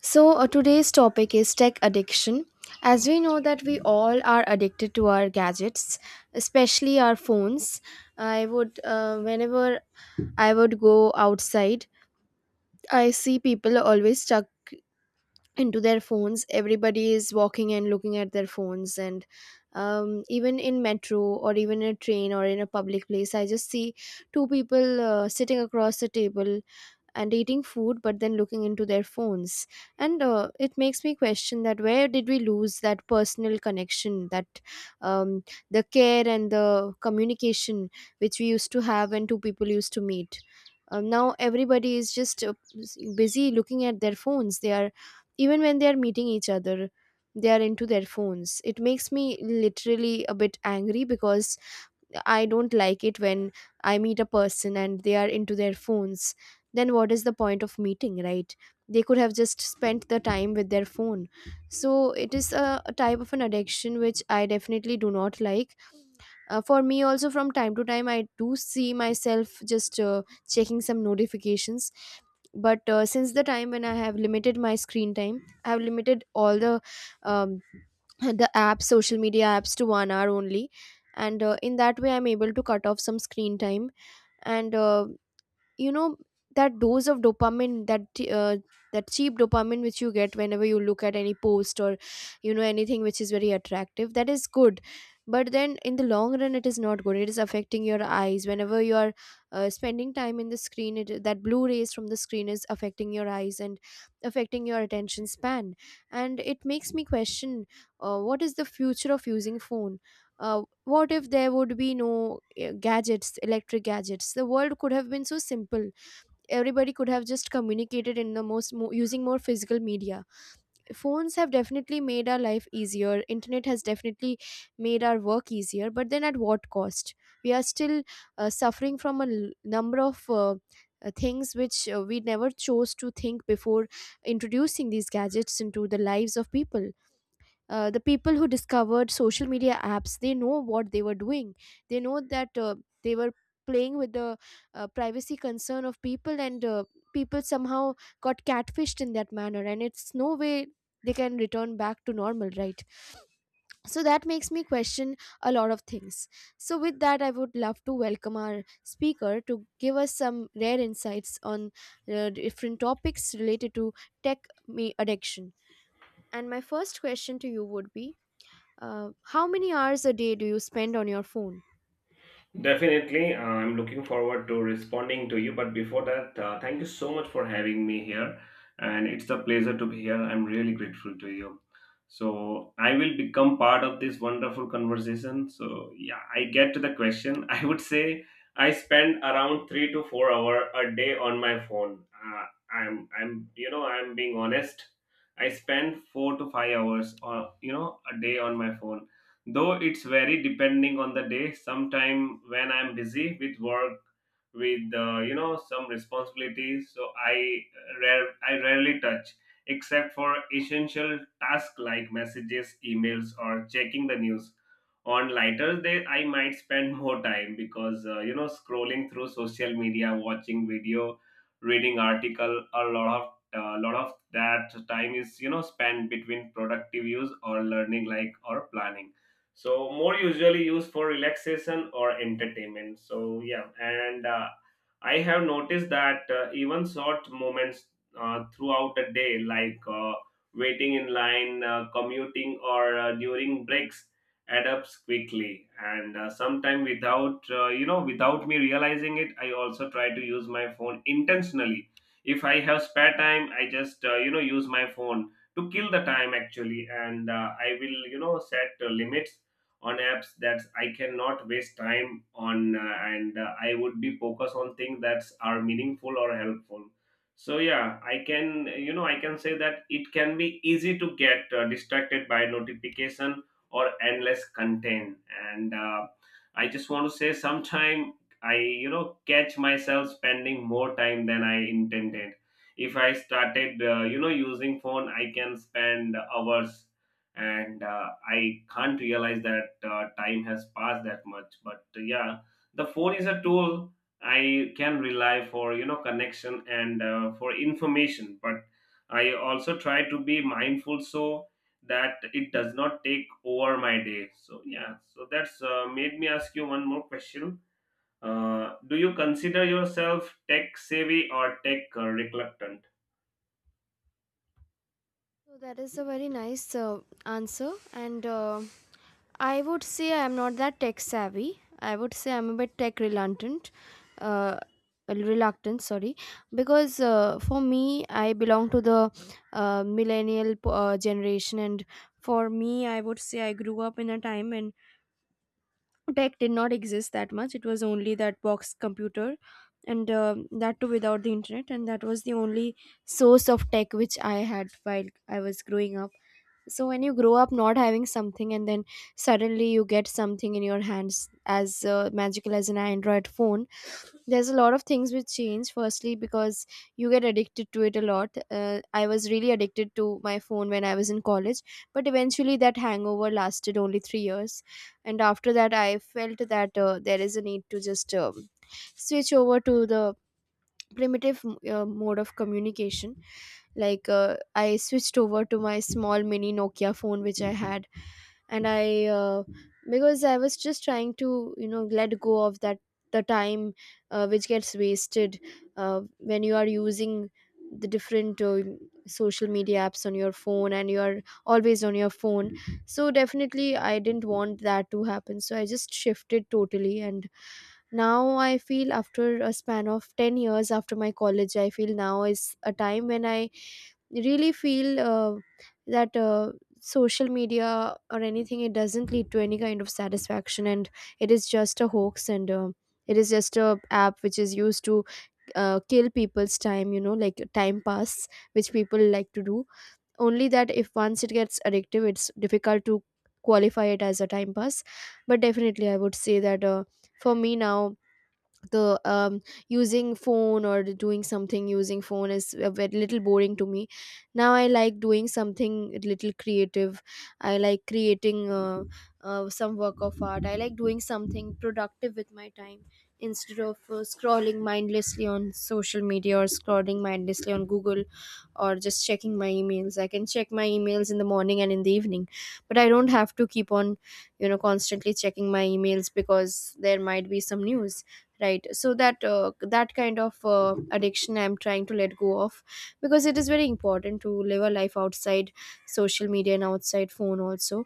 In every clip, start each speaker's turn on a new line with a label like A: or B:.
A: Today's topic is tech addiction. As we know that we all are addicted to our gadgets, especially our phones. Whenever I would go outside, I see people always stuck into their phones. Everybody is walking and looking at their phones, and even in metro or even in a train or in a public place, I just see two people sitting across the table and eating food but then looking into their phones, and it makes me question that where did we lose that personal connection, that um, the care and the communication which we used to have when two people used to meet. Now everybody is just busy looking at their phones. They are, even when they are meeting each other, they are into their phones. It makes me literally a bit angry, because I don't like it when I meet a person and they are into their phones. Then what is the point of meeting, right? They could have just spent the time with their phone. So it is a type of an addiction which I definitely do not like. For me also, from time to time I do see myself just checking some notifications. But since the time when I have limited my screen time, I have limited all the um, the apps, social media apps, to 1 hour only. And in that way I'm able to cut off some screen time and uh, you know that dose of dopamine, that that cheap dopamine which you get whenever you look at any post or anything which is very attractive, that is good. But then in the long run it is not good. It is affecting your eyes whenever you are spending time in the screen. It, that blue rays from the screen is affecting your eyes and affecting your attention span. And it makes me question, what is the future of using phone? uh, what if there would be no gadgets, electric gadgets? The world could have been so simple. Everybody could have just communicated in the most using more physical media. Phones have definitely made our life easier, internet has definitely made our work easier, but then at what cost? We are still suffering from a number of things which we never chose to think before introducing these gadgets into the lives of people. The people who discovered social media apps, they know what they were doing. They know that they were playing with the privacy concern of people, and people somehow got catfished in that manner, and it's no way they can return back to normal, right? So that makes me question a lot of things. So with that, I would love to welcome our speaker to give us some rare insights on different topics related to tech me addiction. And my first question to you would be, how many hours a day do you spend on your phone?
B: Definitely, I'm looking forward to responding to you. But before that, thank you so much for having me here, and it's a pleasure to be here. I'm really grateful to you. So I will become part of this wonderful conversation. So yeah, I get to the question. I would say I spend around 3 to 4 hour a day on my phone. I'm I'm being honest. I spend 4 to 5 hours or a day on my phone, though it's very depending on the day. Sometime when I'm busy with work, with some responsibilities, so I rarely touch except for essential tasks like messages, emails, or checking the news. On lighter day I might spend more time because scrolling through social media, watching video, reading article. A lot of that time is spent between productive use or learning, like, or planning, so more usually used for relaxation or entertainment. So yeah, and I have noticed that even short moments throughout a day, like waiting in line, commuting, or during breaks add up quickly. And sometime without without me realizing it, I also try to use my phone intentionally. If I have spare time, I just use my phone to kill the time actually. And I will set limits on apps that I cannot waste time on, and I would be focused on things that are meaningful or helpful. So yeah, I can I can say that it can be easy to get distracted by notification or endless content, and I just want to say sometime I catch myself spending more time than I intended. If I started using phone, I can spend hours, and I can't realize that time has passed that much. But yeah, the phone is a tool I can rely for connection and for information. But I also try to be mindful so that it does not take over my day. So yeah, so that's made me ask you one more question. Do you consider yourself tech savvy or tech reluctant?
A: So that is a very nice answer, and I would say I'm not that tech savvy. I would say I'm a bit tech reluctant. Uh, reluctant, sorry, because for me, I belong to the millennial generation, and for me, I would say I grew up in a time when tech did not exist that much. It was only that box computer, and that too without the internet, and that was the only source of tech which I had while I was growing up. So when you grow up not having something, and then suddenly you get something in your hands as magical as an Android phone, there's a lot of things which change. Firstly, because you get addicted to it a lot. I was really addicted to my phone when I was in college, but eventually that hangover lasted only 3 years. And after that, I felt that there is a need to just switch over to the primitive mode of communication, like, I switched over to my small mini Nokia phone which I had, and I, because I was just trying to, you know, let go of that, the time which gets wasted uh, when you are using the different social media apps on your phone, and you are always on your phone. So definitely I didn't want that to happen, so I just shifted totally. And now I feel, after a span of 10 years after my college, I feel now is a time when I really feel that social media or anything, it doesn't lead to any kind of satisfaction, and it is just a hoax, and it is just a app which is used to kill people's time, you know, like time pass which people like to do. Only that, if once it gets addictive, it's difficult to qualify it as a time pass. But definitely I would say that for me now, the using phone or doing something using phone is a bit, little boring to me. Now I like doing something a little creative. I like creating some work of art. I like doing something productive with my time instead of scrolling mindlessly on social media or scrolling mindlessly on Google, or just checking my emails. I can check my emails in the morning and in the evening, but I don't have to keep on, you know, constantly checking my emails because there might be some news, right? So that that kind of addiction I'm trying to let go of, because it is very important to live a life outside social media and outside phone also.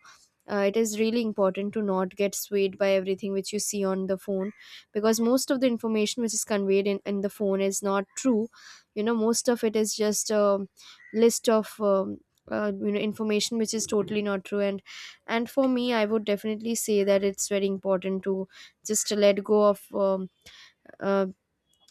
A: It is really important to not get swayed by everything which you see on the phone, because most of the information which is conveyed in the phone is not true. You know, most of it is just a list of you know, information which is totally not true. And for me, I would definitely say that it's very important to just let go of uh,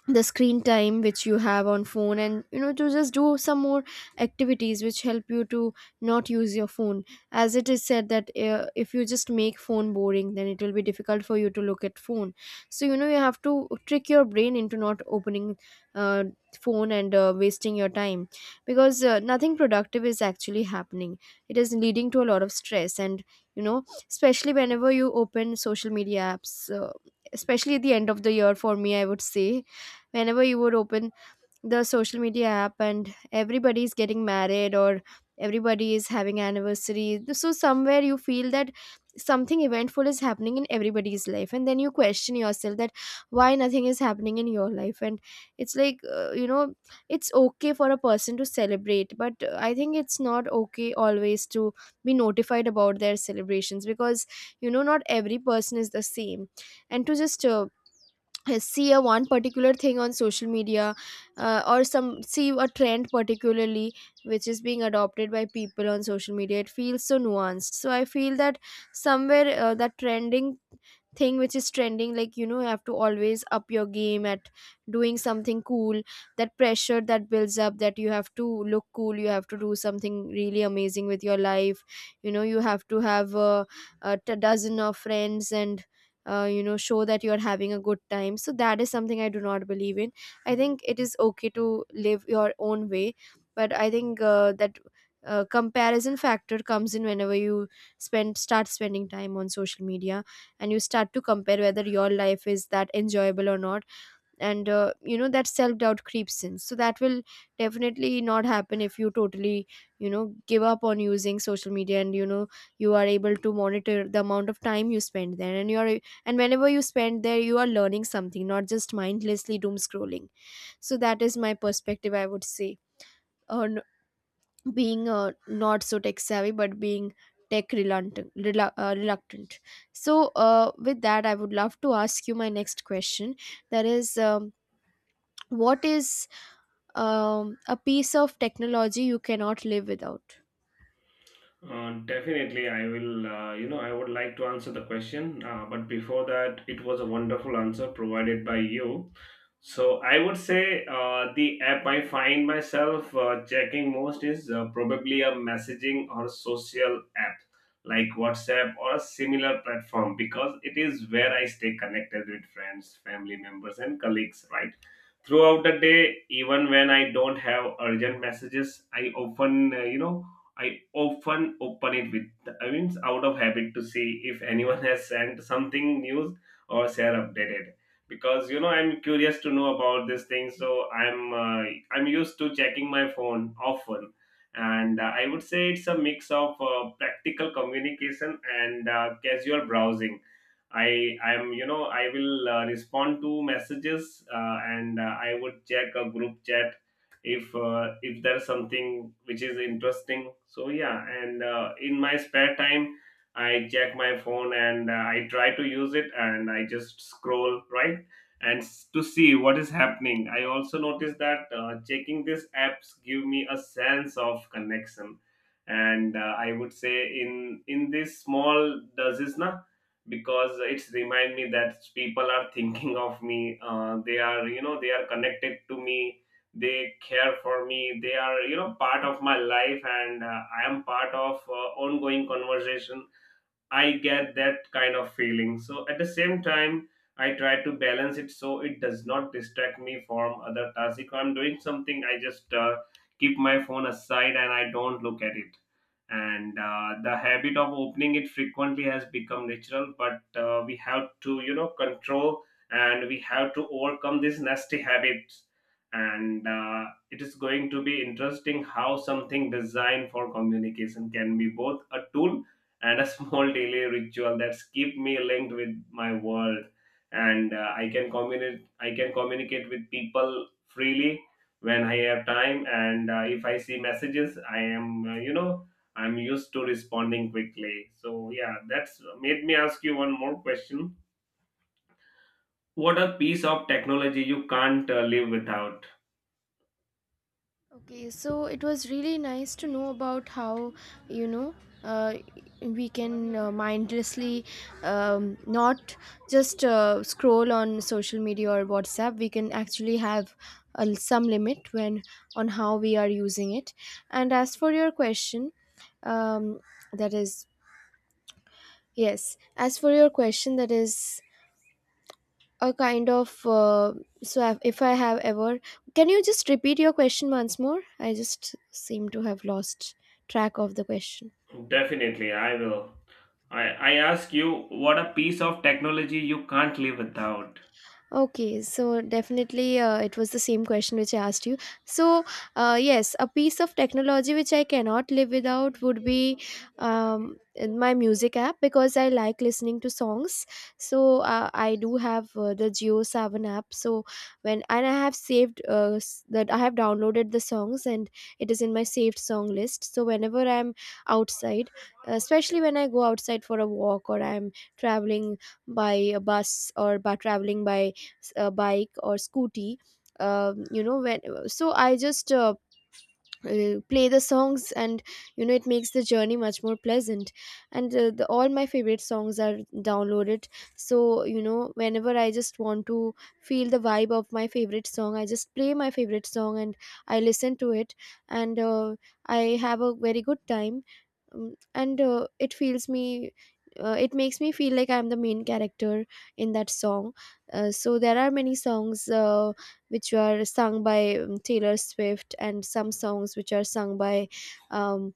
A: the screen time which you have on phone, and you know, to just do some more activities which help you to not use your phone. As it is said that if you just make phone boring, then it will be difficult for you to look at phone. So you know, you have to trick your brain into not opening uh, phone and wasting your time, because nothing productive is actually happening. It is leading to a lot of stress, and you know, especially whenever you open social media apps, uh, especially at the end of the year, for me I would say, whenever you would open the social media app and everybody is getting married or everybody is having anniversary, so somewhere you feel that something eventful is happening in everybody's life, and then you question yourself that why nothing is happening in your life. And it's like, you know, it's okay for a person to celebrate, but I think it's not okay always to be notified about their celebrations, because you know, not every person is the same. And to just see a one particular thing on social media, or some see a trend particularly which is being adopted by people on social media, it feels so nuanced. So I feel that somewhere that trending thing which is trending, like you know, you have to always up your game at doing something cool, that pressure that builds up, that you have to look cool, you have to do something really amazing with your life, you know, you have to have a dozen of friends, and you know, show that you are having a good time. So that is something I do not believe in. I think it is okay to live your own way, but I think that comparison factor comes in whenever you spend start spending time on social media, and you start to compare whether your life is that enjoyable or not. And you know, that self doubt creeps in. So that will definitely not happen if you totally, you know, give up on using social media, and you know, you are able to monitor the amount of time you spend there, and you are, and whenever you spend there you are learning something, not just mindlessly doom scrolling. So that is my perspective, I would say, or being not so tech savvy but being tech reluctant, reluctant. So with that, I would love to ask you my next question, that is what is a piece of technology you cannot live without?
B: Definitely, I will. You know, I would like to answer the question, but before that, it was a wonderful answer provided by you. So I would say the app I find myself checking most is probably a messaging or social app like WhatsApp or a similar platform, because it is where I stay connected with friends, family members, and colleagues. Right throughout the day, even when I don't have urgent messages, I often I often open it with, I mean, out of habit to see if anyone has sent something news or share updated. Because you know, I'm curious to know about these things, so I'm used to checking my phone often, and I would say it's a mix of practical communication and casual browsing. I'm I will respond to messages, and I would check a group chat if there's something which is interesting. So yeah, and in my spare time I check my phone, and I try to use it and I just scroll right to see what is happening. I also notice that checking these apps give me a sense of connection, and I would say in this small does this not, because it's remind me that people are thinking of me. They are they are connected to me, they care for me, they are part of my life, and I am part of ongoing conversation. I get that kind of feeling. So at the same time, I try to balance it so it does not distract me from other tasks. If I'm doing something, I just keep my phone aside and I don't look at it. And the habit of opening it frequently has become natural, but we have to, you know, control, and we have to overcome these nasty habits. And It is going to be interesting how something designed for communication can be both a tool and a small daily ritual that's keep me linked with my world, and I can communicate with people freely when I have time. And if I see messages, I am I'm used to responding quickly. So yeah, that's made me ask you one more question. What a piece of technology you can't live without?
A: Okay, so it was really nice to know about how, you know, uh, we can mindlessly not just scroll on social media or WhatsApp. We can actually have some limit when on how we are using it. And as for your question, um, that is yes. As for your question, that is a kind of so if I have ever can you just repeat your question once more? I just seem to have lost track of the question.
B: Definitely I will. I ask you what a piece of technology you can't live without.
A: Okay, so definitely it was the same question which I asked you. So, yes, a piece of technology which I cannot live without would be in my music app because I like listening to songs. So, I do have the JioSaavn app. So, when and I have saved that I have downloaded the songs and it is in my saved song list. So, whenever I'm outside, especially when I go outside for a walk or I'm traveling by a bus or by traveling by bike or scooty. You know when so I just play the songs, and it makes the journey much more pleasant. And all my favorite songs are downloaded, so whenever I just want to feel the vibe of my favorite song, I just play my favorite song and I listen to it, and I have a very good time. And it feels me It makes me feel like I'm the main character in that song. So there are many songs which were sung by Taylor Swift, and some songs which are sung by, um,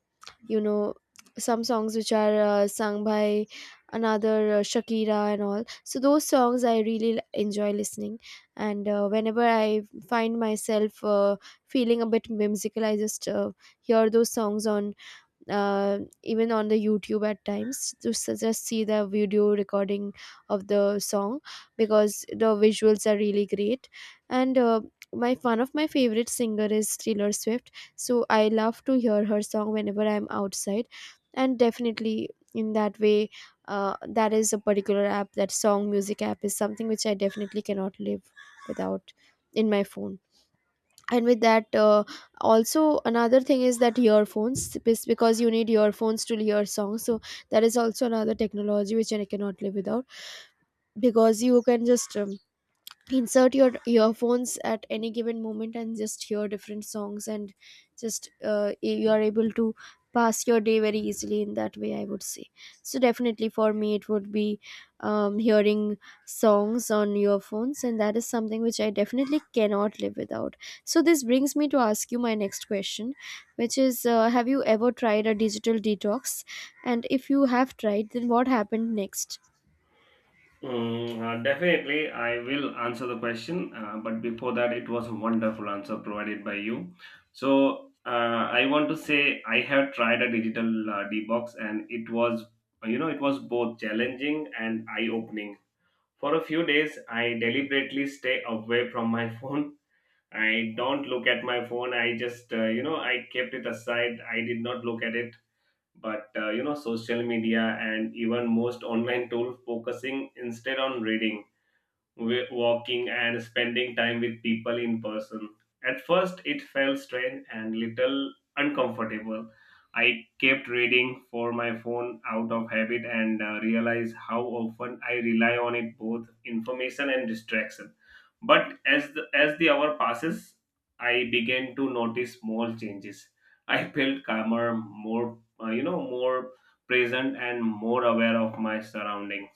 A: you know, some songs which are sung by another, Shakira and all. So those songs I really enjoy listening, and whenever I find myself feeling a bit whimsical, I just hear those songs on, even on the YouTube at times to just see the video recording of the song because the visuals are really great. And My one of my favorite singer is Taylor Swift, so I love to hear her song whenever I'm outside, and definitely in that way, that is a particular app. That song music app is something which I definitely cannot live without in my phone. And with that, also another thing is that earphones, because you need earphones to hear songs, so that is also another technology which I cannot live without, because you can just insert your earphones at any given moment and just hear different songs, and just you are able to pass your day very easily, in that way I would say. So definitely for me it would be hearing songs on earphones, and that is something which I definitely cannot live without. So this brings me to ask you my next question, which is, have you ever tried a digital detox, and if you have tried, then what happened next?
B: Mm, definitely, I will answer the question. But before that, it was a wonderful answer provided by you. So I want to say I have tried a digital detox, and it was, you know, it was both challenging and eye-opening. For a few days, I deliberately stay away from my phone. I don't look at my phone. I just, you know, I kept it aside. I did not look at it. But you know, social media and even most online tools, focusing instead on reading, walking, and spending time with people in person. At first, it felt strange and little uncomfortable. I kept reading for my phone out of habit, and realized how often I rely on it, both information and distraction. But as the hour passes, I began to notice small changes. I felt calmer, more more present, and more aware of my surroundings.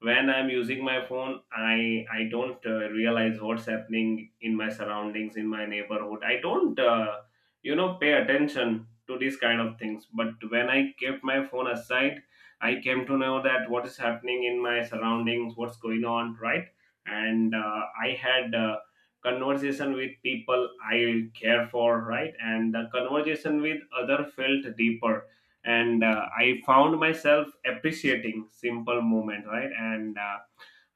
B: When I'm using my phone, I don't realize what's happening in my surroundings, in my neighborhood. I don't pay attention to these kind of things. But when I kept my phone aside, I came to know that what is happening in my surroundings, what's going on, right? And I had conversation with people I care for, right? And the conversation with other felt deeper, and I found myself appreciating simple moment, right? And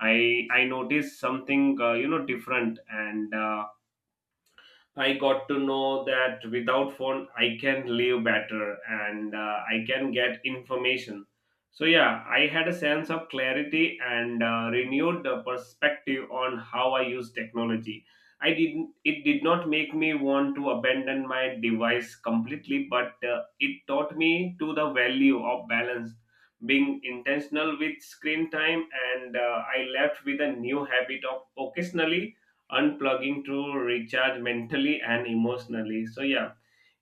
B: I noticed something different, and I got to know that without phone, I can live better, and I can get information. So yeah, I had a sense of clarity and renewed the perspective on how I use technology. I didn't. It did not make me want to abandon my device completely, but it taught me to the value of balance, being intentional with screen time, and I left with a new habit of occasionally unplugging to recharge mentally and emotionally. So yeah,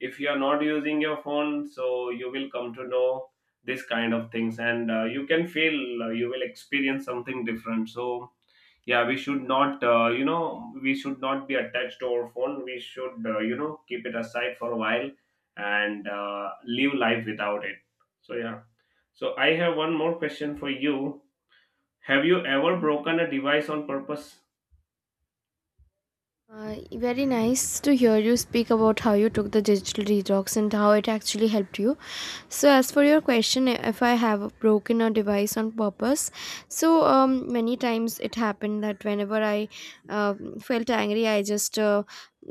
B: if you are not using your phone, so you will come to know this kind of things, and you can feel you will experience something different. So yeah, we should not, you know, we should not be attached to our phone. We should, you know, keep it aside for a while and live life without it. So yeah. So I have one more question for you. Have you ever broken a device on purpose?
A: Very nice to hear you speak about how you took the digital detox and how it actually helped you. So, as for your question, if I have broken a device on purpose, so many times it happened that whenever I uh, felt angry, I just uh,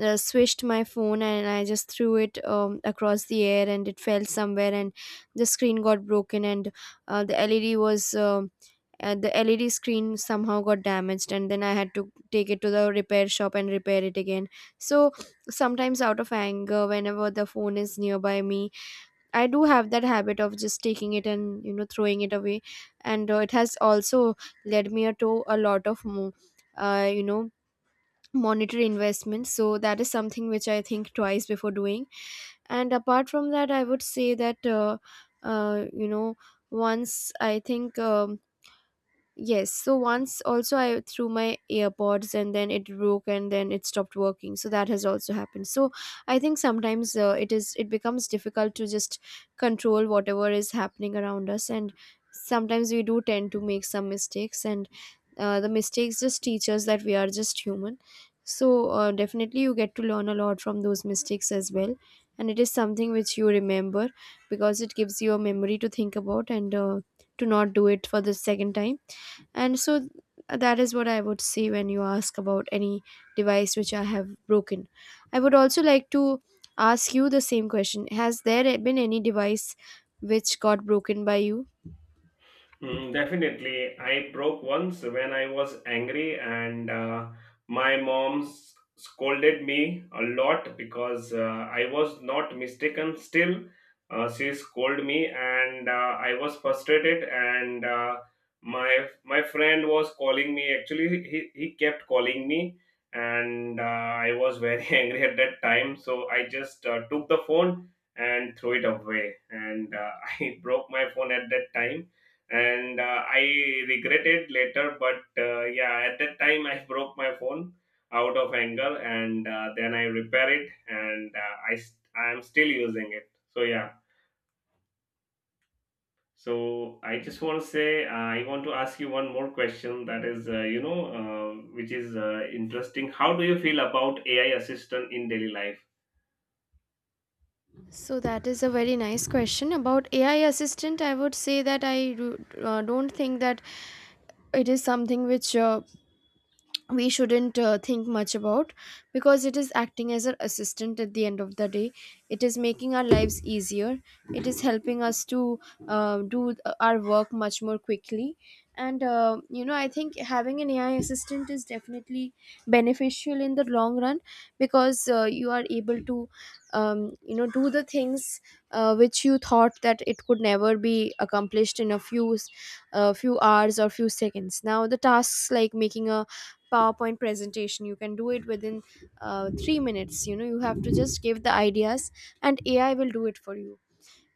A: uh, swished my phone and I just threw it across the air and it fell somewhere, and the screen got broken, and the LED was. And the LED screen somehow got damaged, and then I had to take it to the repair shop and repair it again. So sometimes out of anger, whenever the phone is nearby me, I do have that habit of just taking it and, throwing it away. And it has also led me to a lot of uh, you know monetary investments, so that is something which I think twice before doing. And apart from that, I would say that you know once I think yes. So once also I threw my earpods, and then it broke and then it stopped working. So that has also happened. So I think sometimes it is, it becomes difficult to just control whatever is happening around us, and sometimes we do tend to make some mistakes, and the mistakes just teach us that we are just human. So definitely you get to learn a lot from those mistakes as well, and it is something which you remember because it gives you a memory to think about, and to not do it for the second time. and so th- that is what I would say when you ask about any device which I have broken. I would also like to ask you the same question: has there been any device which got broken by you?
B: Mm, definitely. I broke once when I was angry, and my mom scolded me a lot because I was not mistaken. Still, she scolded me, and I was frustrated. And my friend was calling me. Actually, he kept calling me, and I was very angry at that time. So I just took the phone and threw it away, and I broke my phone at that time, and I regretted later. But yeah, at that time I broke my phone out of anger, and then I repair it, and I am still using it. So yeah, so I just want to say I want to ask you one more question that is which is interesting. How do you feel about AI assistant in daily life?
A: So that is a very nice question about AI assistant. I would say that I do, don't think that it is something which we shouldn't think much about, because it is acting as our assistant at the end of the day. It is making our lives easier. It is helping us to do our work much more quickly. And I think having an AI assistant is definitely beneficial in the long run, because you are able to do the things which you thought that it could never be accomplished in a few hours or few seconds. Now the tasks like making a powerpoint presentation, you can do it within 3 minutes. You know, you have to just give the ideas and AI will do it for you.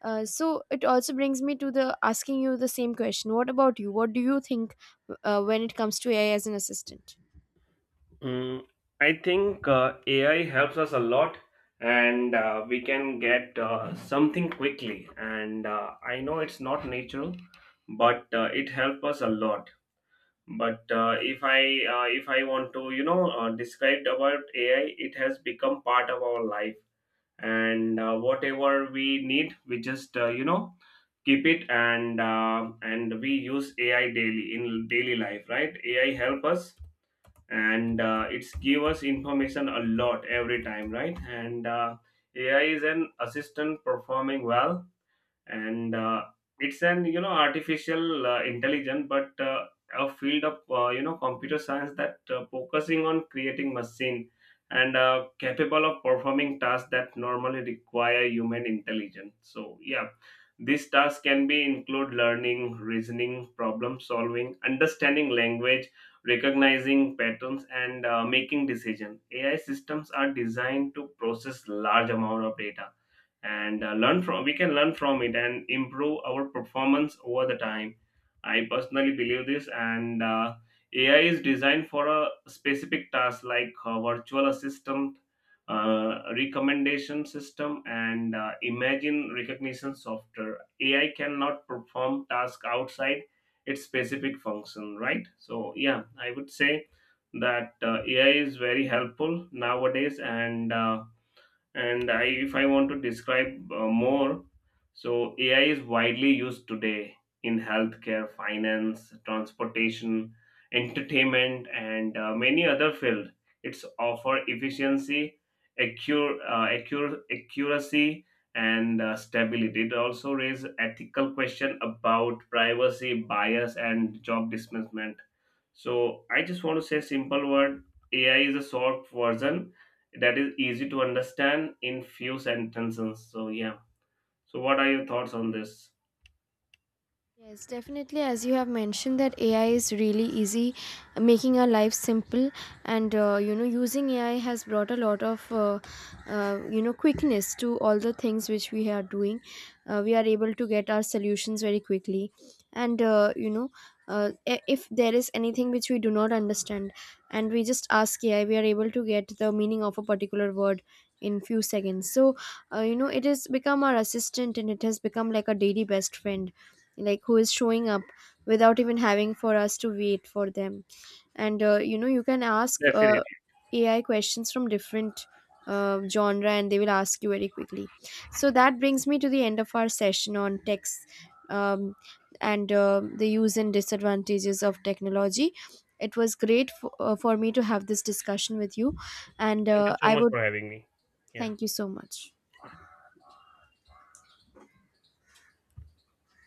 A: So it also brings me to the asking you the same question: what about you? What do you think when it comes to AI as an assistant?
B: Mm, I think AI helps us a lot, and we can get something quickly. And I know it's not natural, but it helps us a lot. But if I want to, you know, describe about AI, it has become part of our life, and whatever we need, we just keep it, and we use AI daily in daily life, right? AI help us, and it's give us information a lot every time, right? And AI is an assistant performing well. And it's an artificial intelligence, but a field of computer science that focusing on creating machine and capable of performing tasks that normally require human intelligence. So yeah, these tasks can be include learning, reasoning, problem solving, understanding language, recognizing patterns, and making decision. AI systems are designed to process large amount of data, and learn from we can learn from it and improve our performance over the time. I personally believe this. And AI is designed for a specific task, like virtual assistant, recommendation system, and imagine recognition software. AI cannot perform task outside its specific function, right? So yeah, I would say that AI is very helpful nowadays. And I, if I want to describe more, so AI is widely used today in healthcare, finance, transportation, entertainment, and many other fields. It's offer efficiency, accuracy, and stability. It also raises ethical question about privacy, bias, and job displacement. So I just want to say simple word: AI is a short version that is easy to understand in few sentences. So yeah. So what are your thoughts on this?
A: Yes, definitely. As you have mentioned, that AI is really easy, making our life simple, and using AI has brought a lot of quickness to all the things which we are doing. We are able to get our solutions very quickly, and uh, if there is anything which we do not understand, and we just ask AI, we are able to get the meaning of a particular word in few seconds. So, it has become our assistant, and it has become like a daily best friend, like who is showing up without even having for us to wait for them. And you can ask
B: Definitely.
A: AI questions from different genre, and they will ask you very quickly. So that brings me to the end of our session on text, um, and the use and disadvantages of technology. It was great for me to have this discussion with you, and
B: Thank you so
A: I
B: much
A: would
B: for having me. Yeah.
A: thank you so much.